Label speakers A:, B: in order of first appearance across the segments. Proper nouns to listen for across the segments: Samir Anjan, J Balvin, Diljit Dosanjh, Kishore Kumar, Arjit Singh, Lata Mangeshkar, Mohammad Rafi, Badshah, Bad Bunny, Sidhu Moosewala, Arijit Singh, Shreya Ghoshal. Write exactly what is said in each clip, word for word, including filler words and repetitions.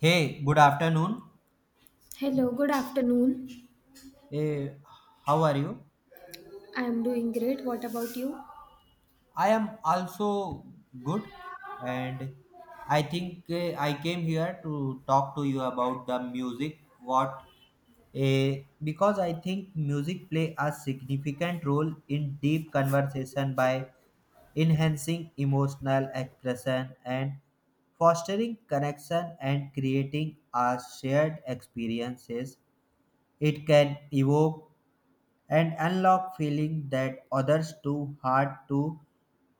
A: Hey, good afternoon.
B: Hello, good afternoon.
A: Eh, how are you?
B: I am doing great. What about you?
A: I am also good, and I think eh, I came here to talk to you about the music. What? Eh, because I think music play a significant role in deep conversation by enhancing emotional expression and fostering connection and creating a shared experiences. It can evoke and unlock feeling that others too hard to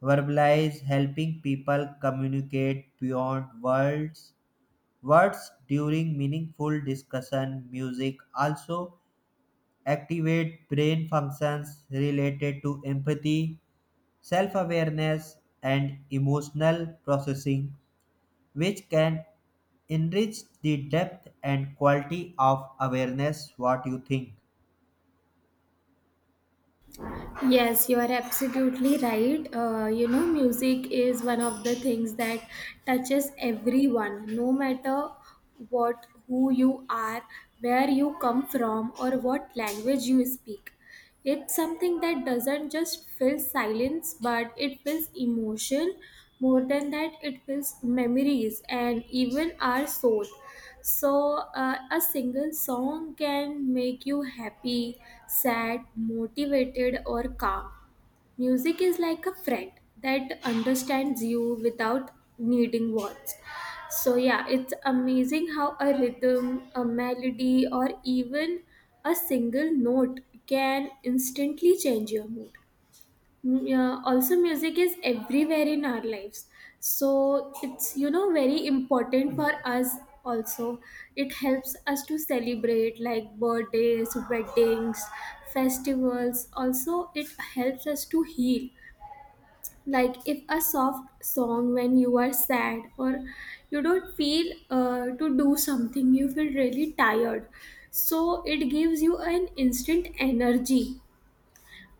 A: verbalize, helping people communicate beyond words words during meaningful discussion. Music also activate brain functions related to empathy, self-awareness and emotional processing, which can enrich the depth and quality of awareness. What you think?
B: Yes, you are absolutely right. Uh, you know, music is one of the things that touches everyone, no matter what, who you are, where you come from, or what language you speak. It's something that doesn't just fill silence, but it fills emotion. More than that, it fills memories and even our soul. So, uh, a single song can make you happy, sad, motivated, or calm. Music is like a friend that understands you without needing words. So, yeah, it's amazing how a rhythm, a melody, or even a single note can instantly change your mood. Mm, yeah, also, music is everywhere in our lives. So, it's you know very important for us also. It helps us to celebrate like birthdays, weddings, festivals. Also, it helps us to heal like if a soft song when you are sad or you don't feel uh, to do something, you feel really tired, so it gives you an instant energy.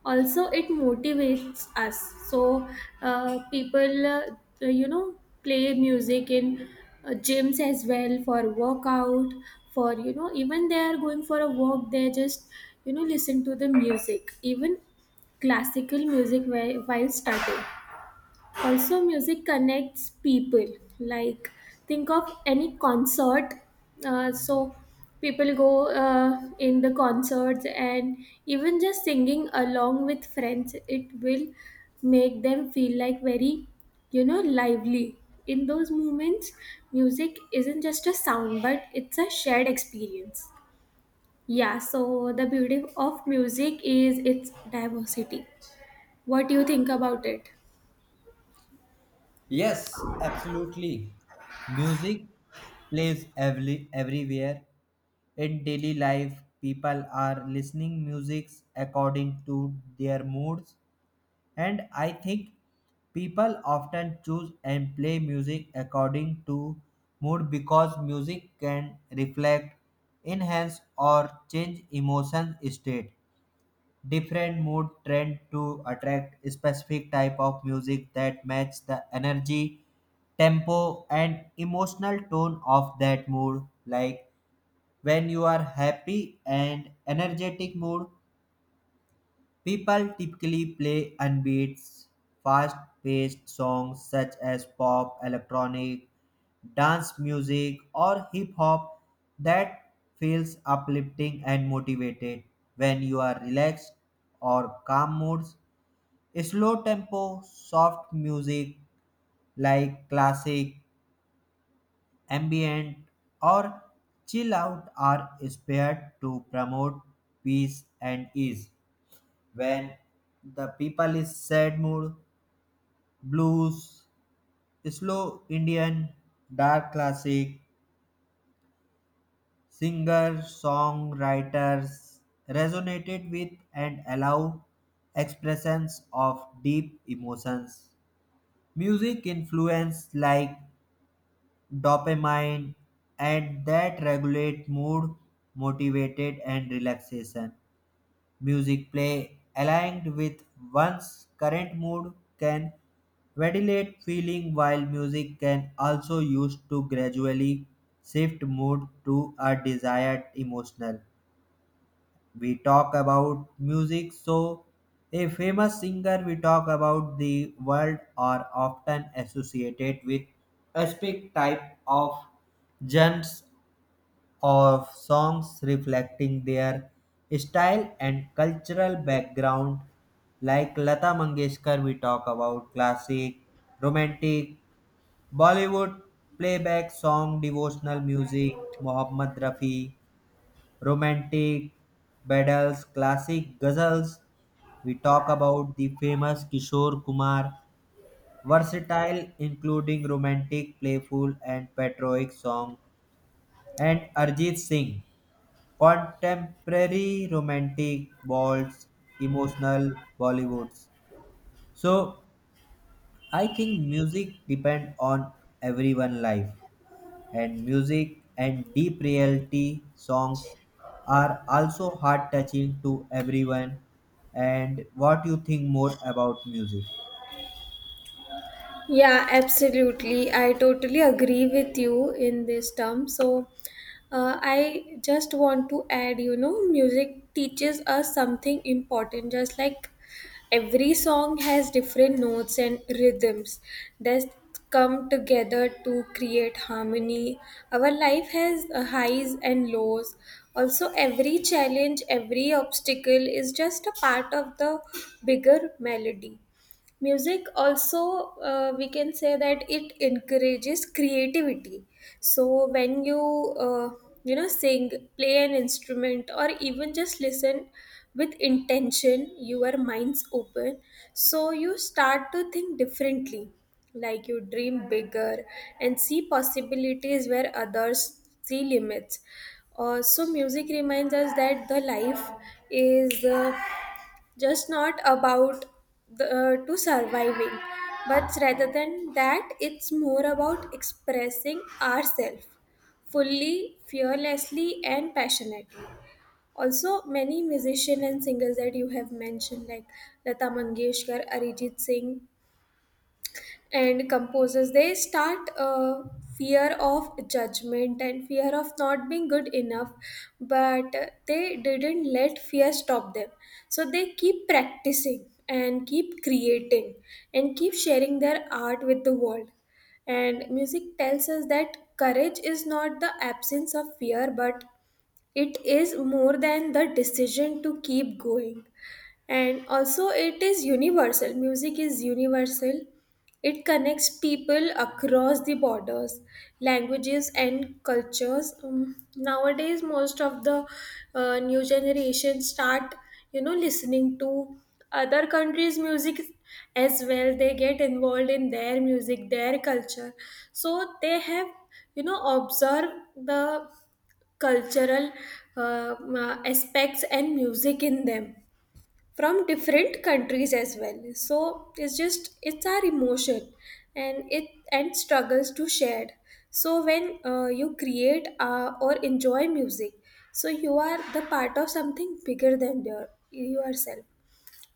B: Also, it motivates us. So uh, people uh, you know play music in uh, gyms as well for workout. For you know Even they are going for a walk, they just you know listen to the music, even classical music whi- while studying. Also, music connects people. Like, think of any concert. Uh, so people go uh, in the concerts, and even just singing along with friends, it will make them feel like very you know lively. In those moments, music isn't just a sound, but it's a shared experience. Yeah, so the beauty of music is its diversity. What do you think about it?
A: Yes, absolutely. Music plays every, everywhere. In daily life, people are listening music according to their moods, and I think people often choose and play music according to mood, because music can reflect, enhance, or change emotion state. Different mood trend to attract specific type of music that match the energy, tempo and emotional tone of that mood. Like when you are happy and energetic mood, people typically play upbeat, fast-paced songs such as pop, electronic, dance music, or hip hop that feels uplifting and motivated. When you are relaxed or calm moods, slow tempo, soft music like classic, ambient, or chill out are spared to promote peace and ease. When the people is sad mood, blues, slow Indian, dark classic, singer songwriters resonated with and allow expressions of deep emotions. Music influence like dopamine and that regulate mood, motivated and relaxation. Music play aligned with one's current mood can ventilate feeling, while music can also used to gradually shift mood to a desired emotional. We talk about music, so a famous singer we talk about the world are often associated with a specific type of genres of songs reflecting their style and cultural background. Like Lata Mangeshkar, we talk about classic, romantic, Bollywood playback song, devotional music. Mohammad Rafi, romantic battles, classic ghazals. We talk about the famous Kishore Kumar, versatile including romantic, playful and patriotic song. And Arjit Singh, contemporary romantic balls, emotional bollywoods. So I think music depend on everyone life, and music and deep reality songs are also heart touching to everyone. And what you think more about music?
B: Yeah, absolutely. I totally agree with you in this term. So, uh, I just want to add, you know, music teaches us something important. Just like every song has different notes and rhythms that come together to create harmony. Our life has uh, highs and lows. Also, every challenge, every obstacle is just a part of the bigger melody. Music also, uh, we can say that it encourages creativity. So when you uh, you know sing, play an instrument, or even just listen with intention, your mind's open, so you start to think differently, like you dream bigger and see possibilities where others see limits. Uh, so music reminds us that the life is uh, just not about the, uh, to surviving, but rather than that, it's more about expressing ourselves fully, fearlessly, and passionately. Also, many musicians and singers that you have mentioned, like Lata Mangeshkar, Arijit Singh, and composers, they start uh, fear of judgment and fear of not being good enough, but uh, they didn't let fear stop them. So they keep practicing and keep creating and keep sharing their art with the world. And music tells us that courage is not the absence of fear, but it is more than the decision to keep going. And also it is universal. Music is universal. It connects people across the borders, languages, and cultures. Um, nowadays most of the uh, new generation start you know listening to other countries' music as well. They get involved in their music, their culture. So they have you know observed the cultural uh, uh, aspects and music in them from different countries as well. So it's just, it's our emotion and it and struggles to share. So when uh, you create uh, or enjoy music, so you are the part of something bigger than your yourself.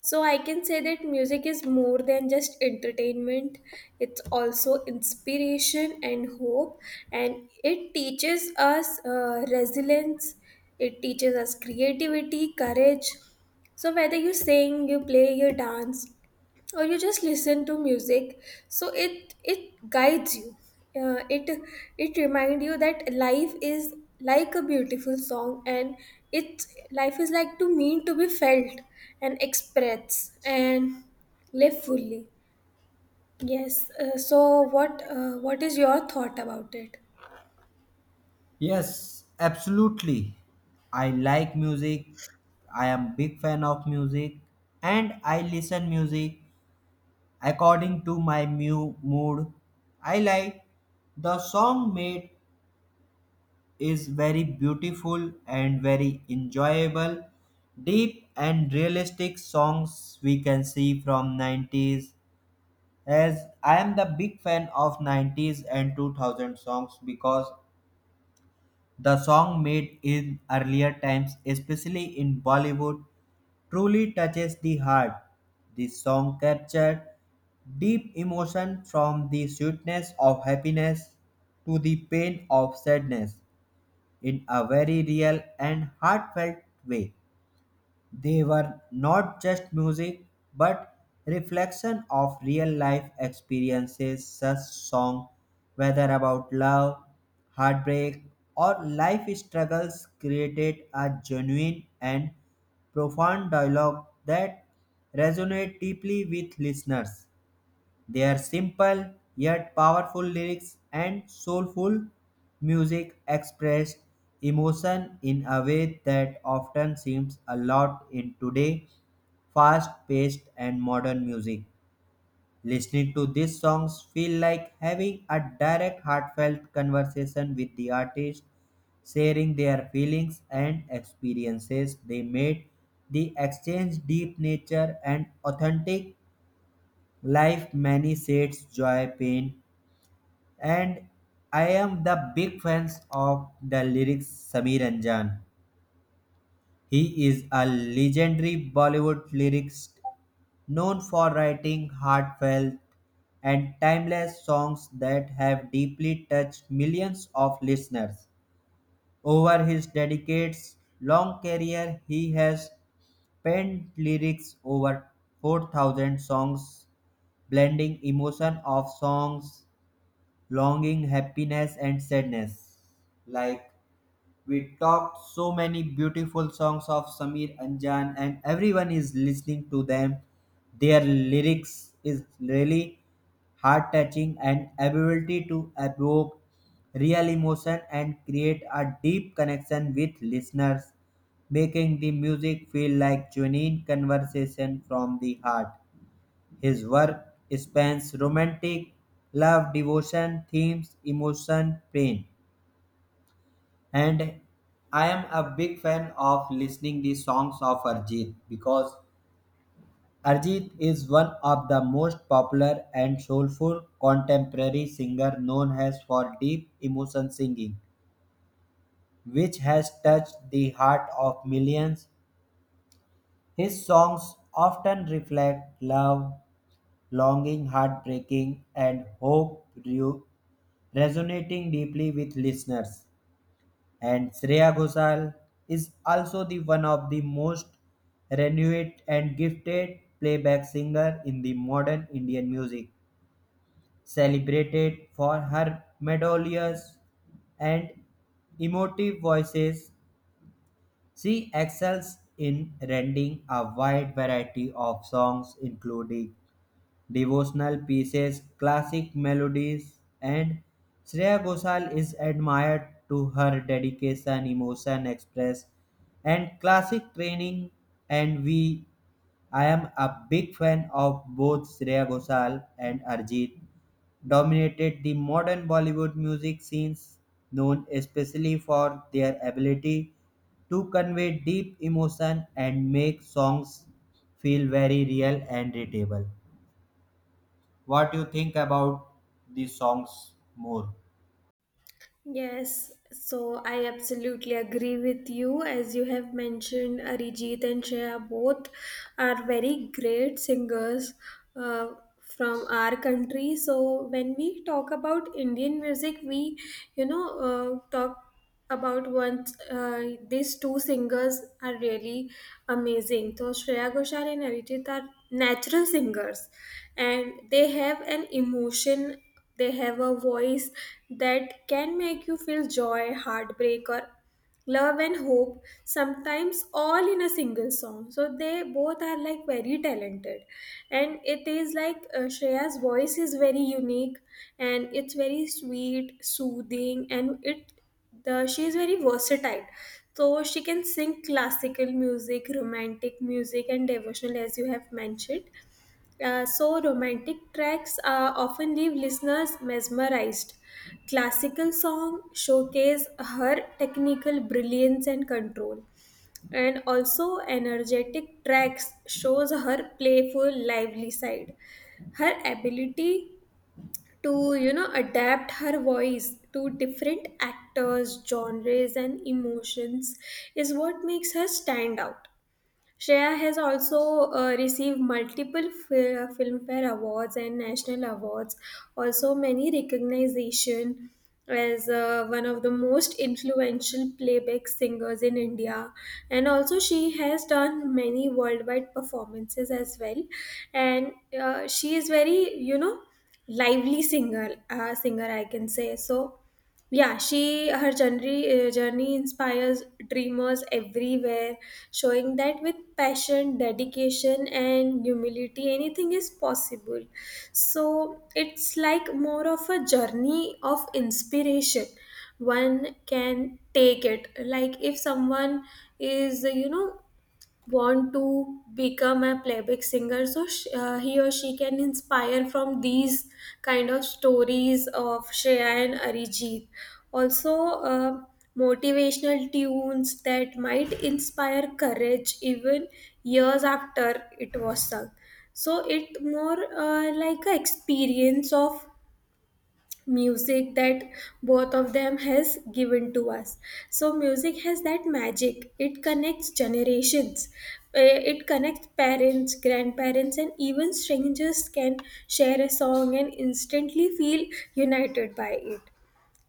B: So I can say that music is more than just entertainment. It's also inspiration and hope, and it teaches us uh, resilience. It teaches us creativity, courage. So whether you sing, you play, you dance, or you just listen to music, so it it guides you. Uh, it it remind you that life is like a beautiful song, and it's life is like to mean to be felt and expressed and live fully. Yes, uh, so what uh, what is your thought about it?
A: Yes, absolutely. I like music. I am big fan of music and I listen music according to my mu- mood. I like the song made is very beautiful and very enjoyable. Deep and realistic songs we can see from nineties, as I am the big fan of nineties and two thousand songs. Because the song made in earlier times, especially in Bollywood, truly touches the heart. The song captured deep emotion from the sweetness of happiness to the pain of sadness in a very real and heartfelt way. They were not just music, but reflection of real life experiences. Such song, whether about love, heartbreak, or life struggles, created a genuine and profound dialogue that resonate deeply with listeners. Their simple yet powerful lyrics and soulful music expressed emotion in a way that often seems a lot in today fast paced and modern music. Listening to these songs feel like having a direct heartfelt conversation with the artist, sharing their feelings and experiences they made. The exchange deep nature and authentic life many shades, joy, pain, and I am the big fans of the lyrics Samir Anjan. He is a legendary Bollywood lyricist known for writing heartfelt and timeless songs that have deeply touched millions of listeners. Over his dedicates long career, he has penned lyrics over four thousand songs, blending emotion of songs longing, happiness, and sadness. Like we talked so many beautiful songs of Samir Anjan, and everyone is listening to them. Their lyrics is really heart touching and ability to evoke real emotion and create a deep connection with listeners, making the music feel like genuine conversation from the heart. His work spans romantic, love, devotion, themes, emotion, pain, and I am a big fan of listening the songs of Arjit, because Arjit is one of the most popular and soulful contemporary singer known as for deep emotion singing which has touched the heart of millions. His songs often reflect love, longing, heartbreaking, and hope re- resonating deeply with listeners. And Shreya Ghoshal is also the one of the most renowned and gifted playback singer in the modern Indian music, celebrated for her melodious and emotive voices. She excels in rendering a wide variety of songs, including devotional pieces, classic melodies, and Shreya Ghoshal is admired to her dedication, emotion express, and classic training. And we, I am a big fan of both Shreya Ghoshal and Arjit. Dominated the modern Bollywood music scenes, known especially for their ability to convey deep emotion and make songs feel very real and readable. What you think about the songs more?
B: Yes, so I absolutely agree with you. As you have mentioned, Arijit and Shreya both are very great singers uh, from our country. So when we talk about Indian music, we, you know, uh, talk about once uh, these two singers are really amazing. So Shreya Ghoshal and Arijit are natural singers, and they have an emotion, they have a voice that can make you feel joy, heartbreak, or love and hope, sometimes all in a single song. So they both are like very talented. And it is like, uh, Shreya's voice is very unique, and it's very sweet, soothing, and it the, she is very versatile. So she can sing classical music, romantic music, and devotional, as you have mentioned. Uh, so romantic tracks uh, often leave listeners mesmerized. Classical songs showcase her technical brilliance and control, and also energetic tracks shows her playful, lively side. Her ability to you know adapt her voice to different actors, genres, and emotions is what makes her stand out. Shreya has also uh, received multiple fil- Filmfare awards and national awards, also many recognition as uh, one of the most influential playback singers in India. And also she has done many worldwide performances as well. And uh, she is very, you know, lively singer, uh, singer I can say. So yeah, she her journey, uh, journey inspires dreamers everywhere, showing that with passion, dedication, and humility, anything is possible. So it's like more of a journey of inspiration. One can take it, like if someone is, you know, want to become a playback singer, so sh- uh, he or she can inspire from these kind of stories of Shreya and Arijit. Also uh, motivational tunes that might inspire courage even years after it was sung. So it more uh, like a experience of music that both of them has given to us. So music has that magic. It connects generations. Uh, it connects parents, grandparents, and even strangers can share a song and instantly feel united by it.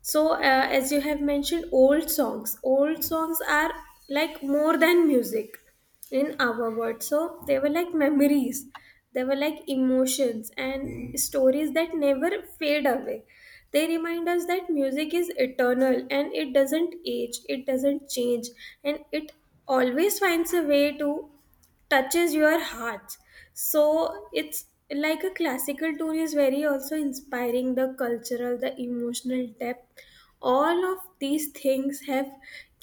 B: So uh, as you have mentioned, old songs old songs are like more than music in our world. So they were like memories, they were like emotions and stories that never fade away. They remind us that music is eternal, and it doesn't age, it doesn't change, and it always finds a way to touches your heart. So it's like a classical tune is very also inspiring. The cultural, the emotional depth, all of these things have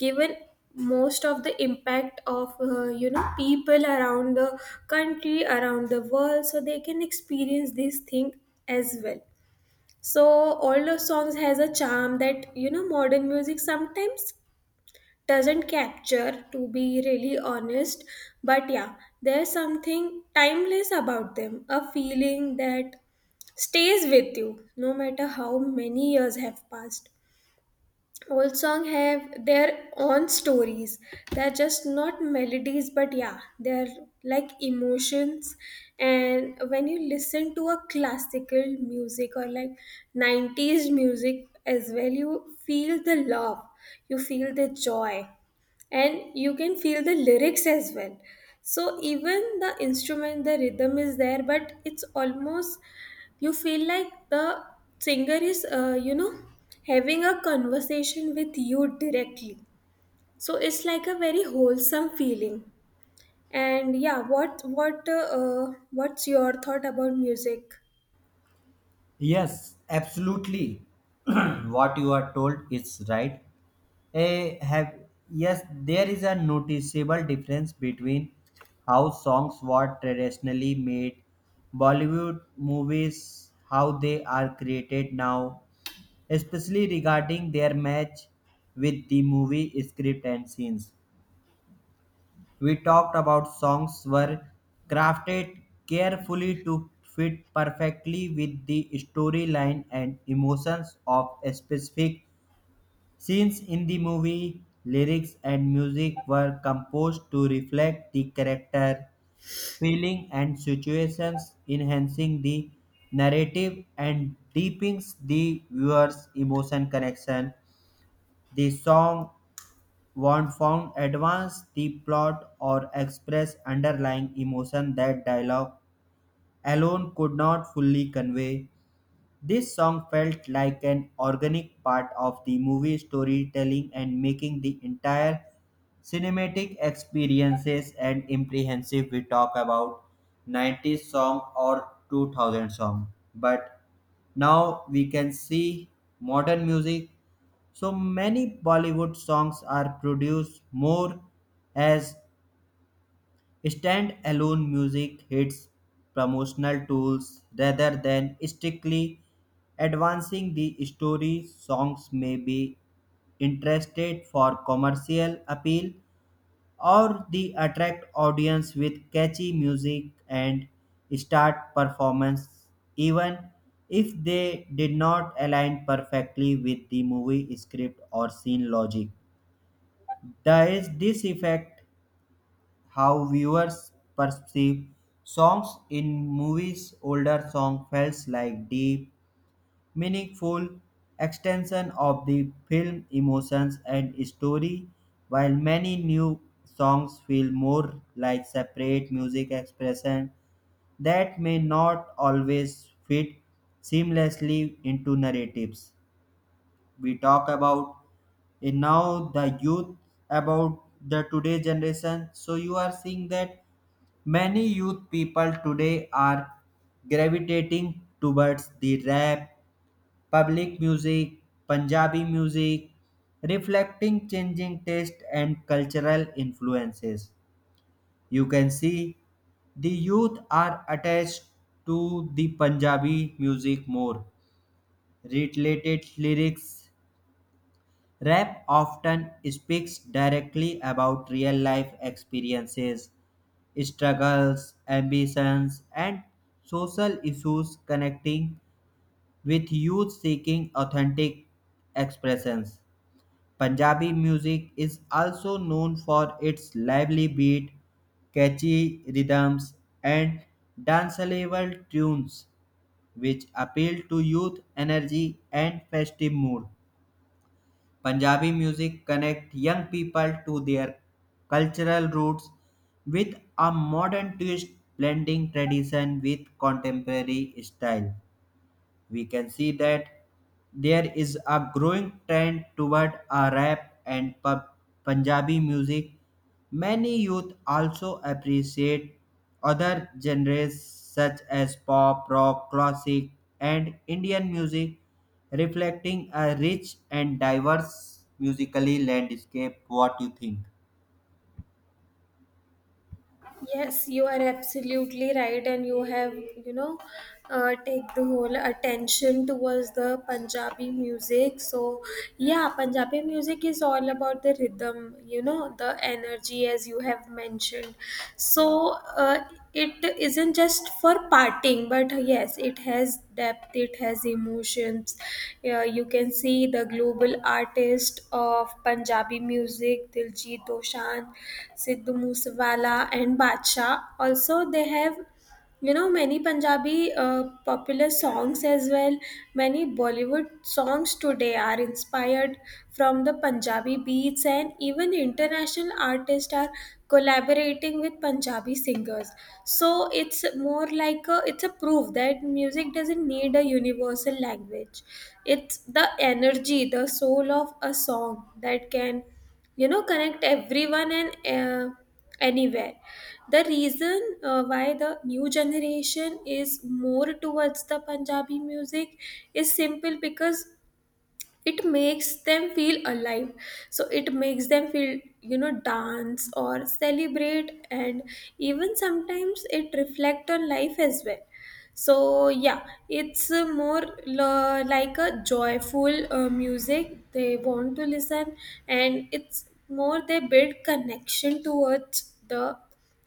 B: given most of the impact of uh, you know people around the country, around the world, so they can experience this thing as well. So older songs has a charm that, you know, modern music sometimes doesn't capture, to be really honest. But yeah, there's something timeless about them, a feeling that stays with you no matter how many years have passed. Old song have their own stories. They're just not melodies, but yeah, they're like emotions. And when you listen to a classical music or like nineties music as well, you feel the love, you feel the joy, and you can feel the lyrics as well. So even the instrument, the rhythm is there, but it's almost you feel like the singer is uh, you know having a conversation with you directly. So it's like a very wholesome feeling. And yeah, what what uh, uh, what's your thought about music?
A: Yes, absolutely. What you are told is right. a have Yes, there is a noticeable difference between how songs were traditionally made bollywood movies how they are created now, especially regarding their match with the movie script and scenes. We talked about songs were crafted carefully to fit perfectly with the storyline and emotions of specific scenes in the movie. Lyrics and music were composed to reflect the character, feeling, and situations, enhancing the narrative and deepens the viewer's emotion connection. The song won't found advance the plot or express underlying emotion that dialogue alone could not fully convey. This song felt like an organic part of the movie storytelling and making the entire cinematic experiences and comprehensive. We talk about nineties song or two thousand song, but now we can see modern music, so many Bollywood songs are produced more as stand-alone music hits, promotional tools rather than strictly advancing the story. Songs may be interested for commercial appeal or the attract audience with catchy music and start performance, even if they did not align perfectly with the movie script or scene logic. Does this affect how viewers perceive songs in movies? Older song feels like deep, meaningful extension of the film emotions and story, while many new songs feel more like separate music expression that may not always fit seamlessly into narratives. We talk about in now the youth, about the today generation, so you are seeing that many youth people today are gravitating towards the rap, public music, punjabi music, reflecting changing taste and cultural influences. You can see the youth are attached to the punjabi music more related lyrics. Rap often speaks directly about real life experiences, struggles, ambitions, and social issues, connecting with youth seeking authentic expressions. Punjabi music is also known for its lively beat, catchy rhythms, and danceable tunes, which appeal to youth energy and festive mood. Punjabi music connects young people to their cultural roots with a modern twist, blending tradition with contemporary style. We can see that there is a growing trend toward a rap and pub Punjabi music. Many youth also appreciate other genres such as pop, rock, classic, and Indian music, reflecting a rich and diverse musically landscape. What you think?
B: Yes, you are absolutely right, and you have, you know, uh, take the whole attention towards the Punjabi music. So, yeah, Punjabi music is all about the rhythm, you know, the energy, as you have mentioned. So, uh, it isn't just for parting, but yes, it has depth, it has emotions. Yeah, you can see the global artist of Punjabi music, Diljit Dosanjh, Sidhu Moosewala, and Badshah. Also, they have, you know, many Punjabi uh, popular songs as well. Many Bollywood songs today are inspired from the Punjabi beats, and even international artists are collaborating with Punjabi singers. So it's more like a, it's a proof that music doesn't need a universal language. It's the energy, the soul of a song that can, you know, connect everyone and uh, anywhere. The reason uh, why the new generation is more towards the Punjabi music is simple, because it makes them feel alive. So it makes them feel, you know, dance or celebrate, and even sometimes it reflect on life as well. So yeah, it's uh, more l- like a joyful, uh, music they want to listen, and it's more they build connection towards the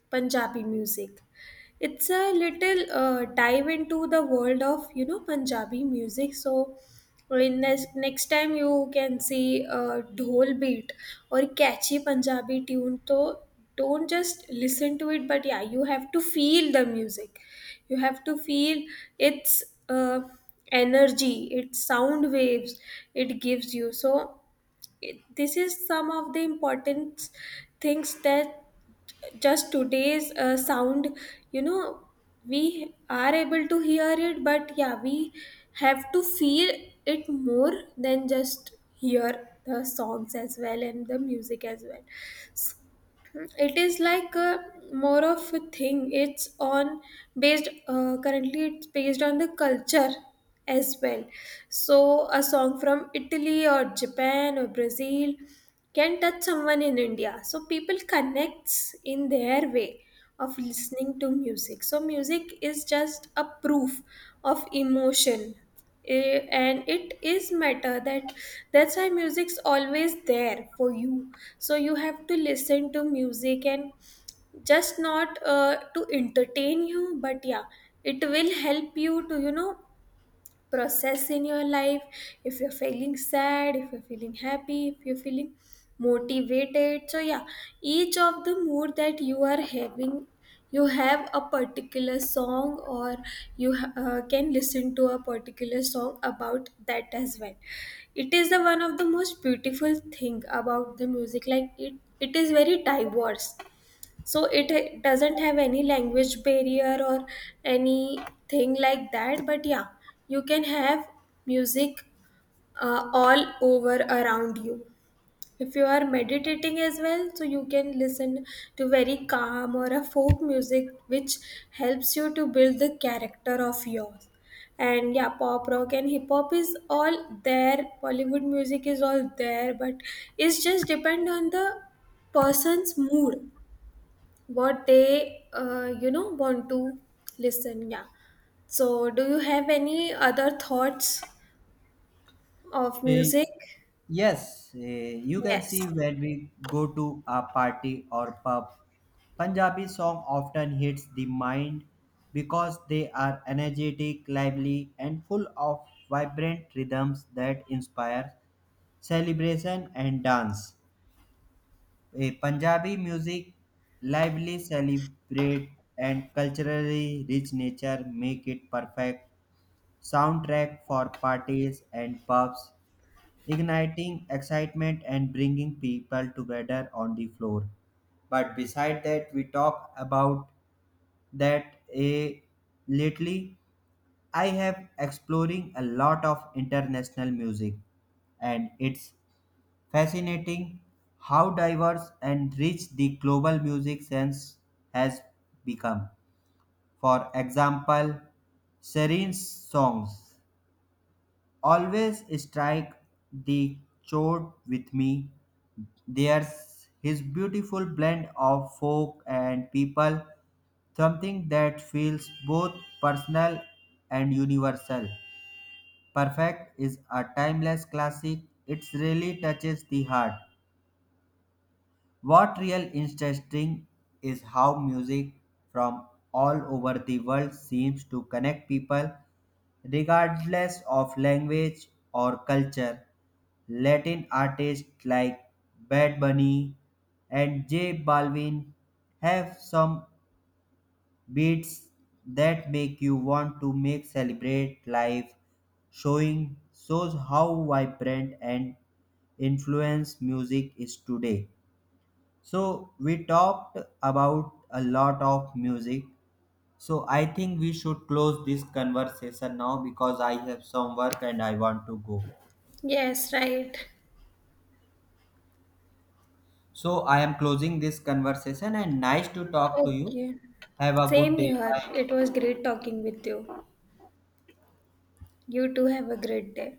B: Punjabi music. It's a little uh, dive into the world of, you know, Punjabi music. So in next next time, you can see a dhol beat or catchy Punjabi tune. So don't just listen to it, but yeah, you have to feel the music. You have to feel its uh, energy, its sound waves it gives you. So it, this is some of the important things that just today's uh, sound, you know, we are able to hear it, but yeah, we have to feel it more than just hear the songs as well and the music as well. It is like a more of a thing. It's on based, uh, currently it's based on the culture as well. So a song from Italy or Japan or Brazil can touch someone in India. So people connects in their way of listening to music. So music is just a proof of emotion. Eh, and it is matter that that's why music's always there for you. So you have to listen to music and just not uh, to entertain you, but yeah, it will help you to, you know, process in your life. If you're feeling sad, if you're feeling happy, if you're feeling motivated, so yeah, each of the mood that you are having, you have a particular song, or you uh, can listen to a particular song about that as well. It is the one of the most beautiful thing about the music, like it it is very diverse. So it ha- doesn't have any language barrier or anything like that. But yeah, you can have music uh, all over around you. If you are meditating as well, so you can listen to very calm or a folk music which helps you to build the character of yours. And yeah, pop, rock, and hip hop is all there, Bollywood music is all there, but it's just depend on the person's mood, what they, uh, you know want to listen. Yeah, so do you have any other thoughts of
A: Eh,
B: music?
A: yes, eh, you can
B: Yes.
A: see when we go to a party or pub, Punjabi song often hits the mind because they are energetic, lively, and full of vibrant rhythms that inspire celebration and dance. Eh, Punjabi music lively celebrate and culturally rich nature make it perfect soundtrack for parties and pubs, igniting excitement and bringing people together on the floor. But beside that, we talk about that a lately I have exploring a lot of international music, and it's fascinating how diverse and rich the global music sense has become. For example, Serene's songs always strike the chord with me. There's his beautiful blend of folk and people, something that feels both personal and universal. Perfect is a timeless classic. It really touches the heart. What real interesting is how music from all over the world seems to connect people regardless of language or culture. Latin artists like Bad Bunny and J Balvin have some beats that make you want to make celebrate life, showing shows how vibrant and influence music is today. So we talked about a lot of music. So I think we should close this conversation now because I have some work and I want to go.
B: Yes, right.
A: So I am closing this conversation and nice to talk to you.
B: Okay.
A: Have a
B: Same
A: good day.
B: here,
A: Bye.
B: it was great talking with you. You too, have a great day.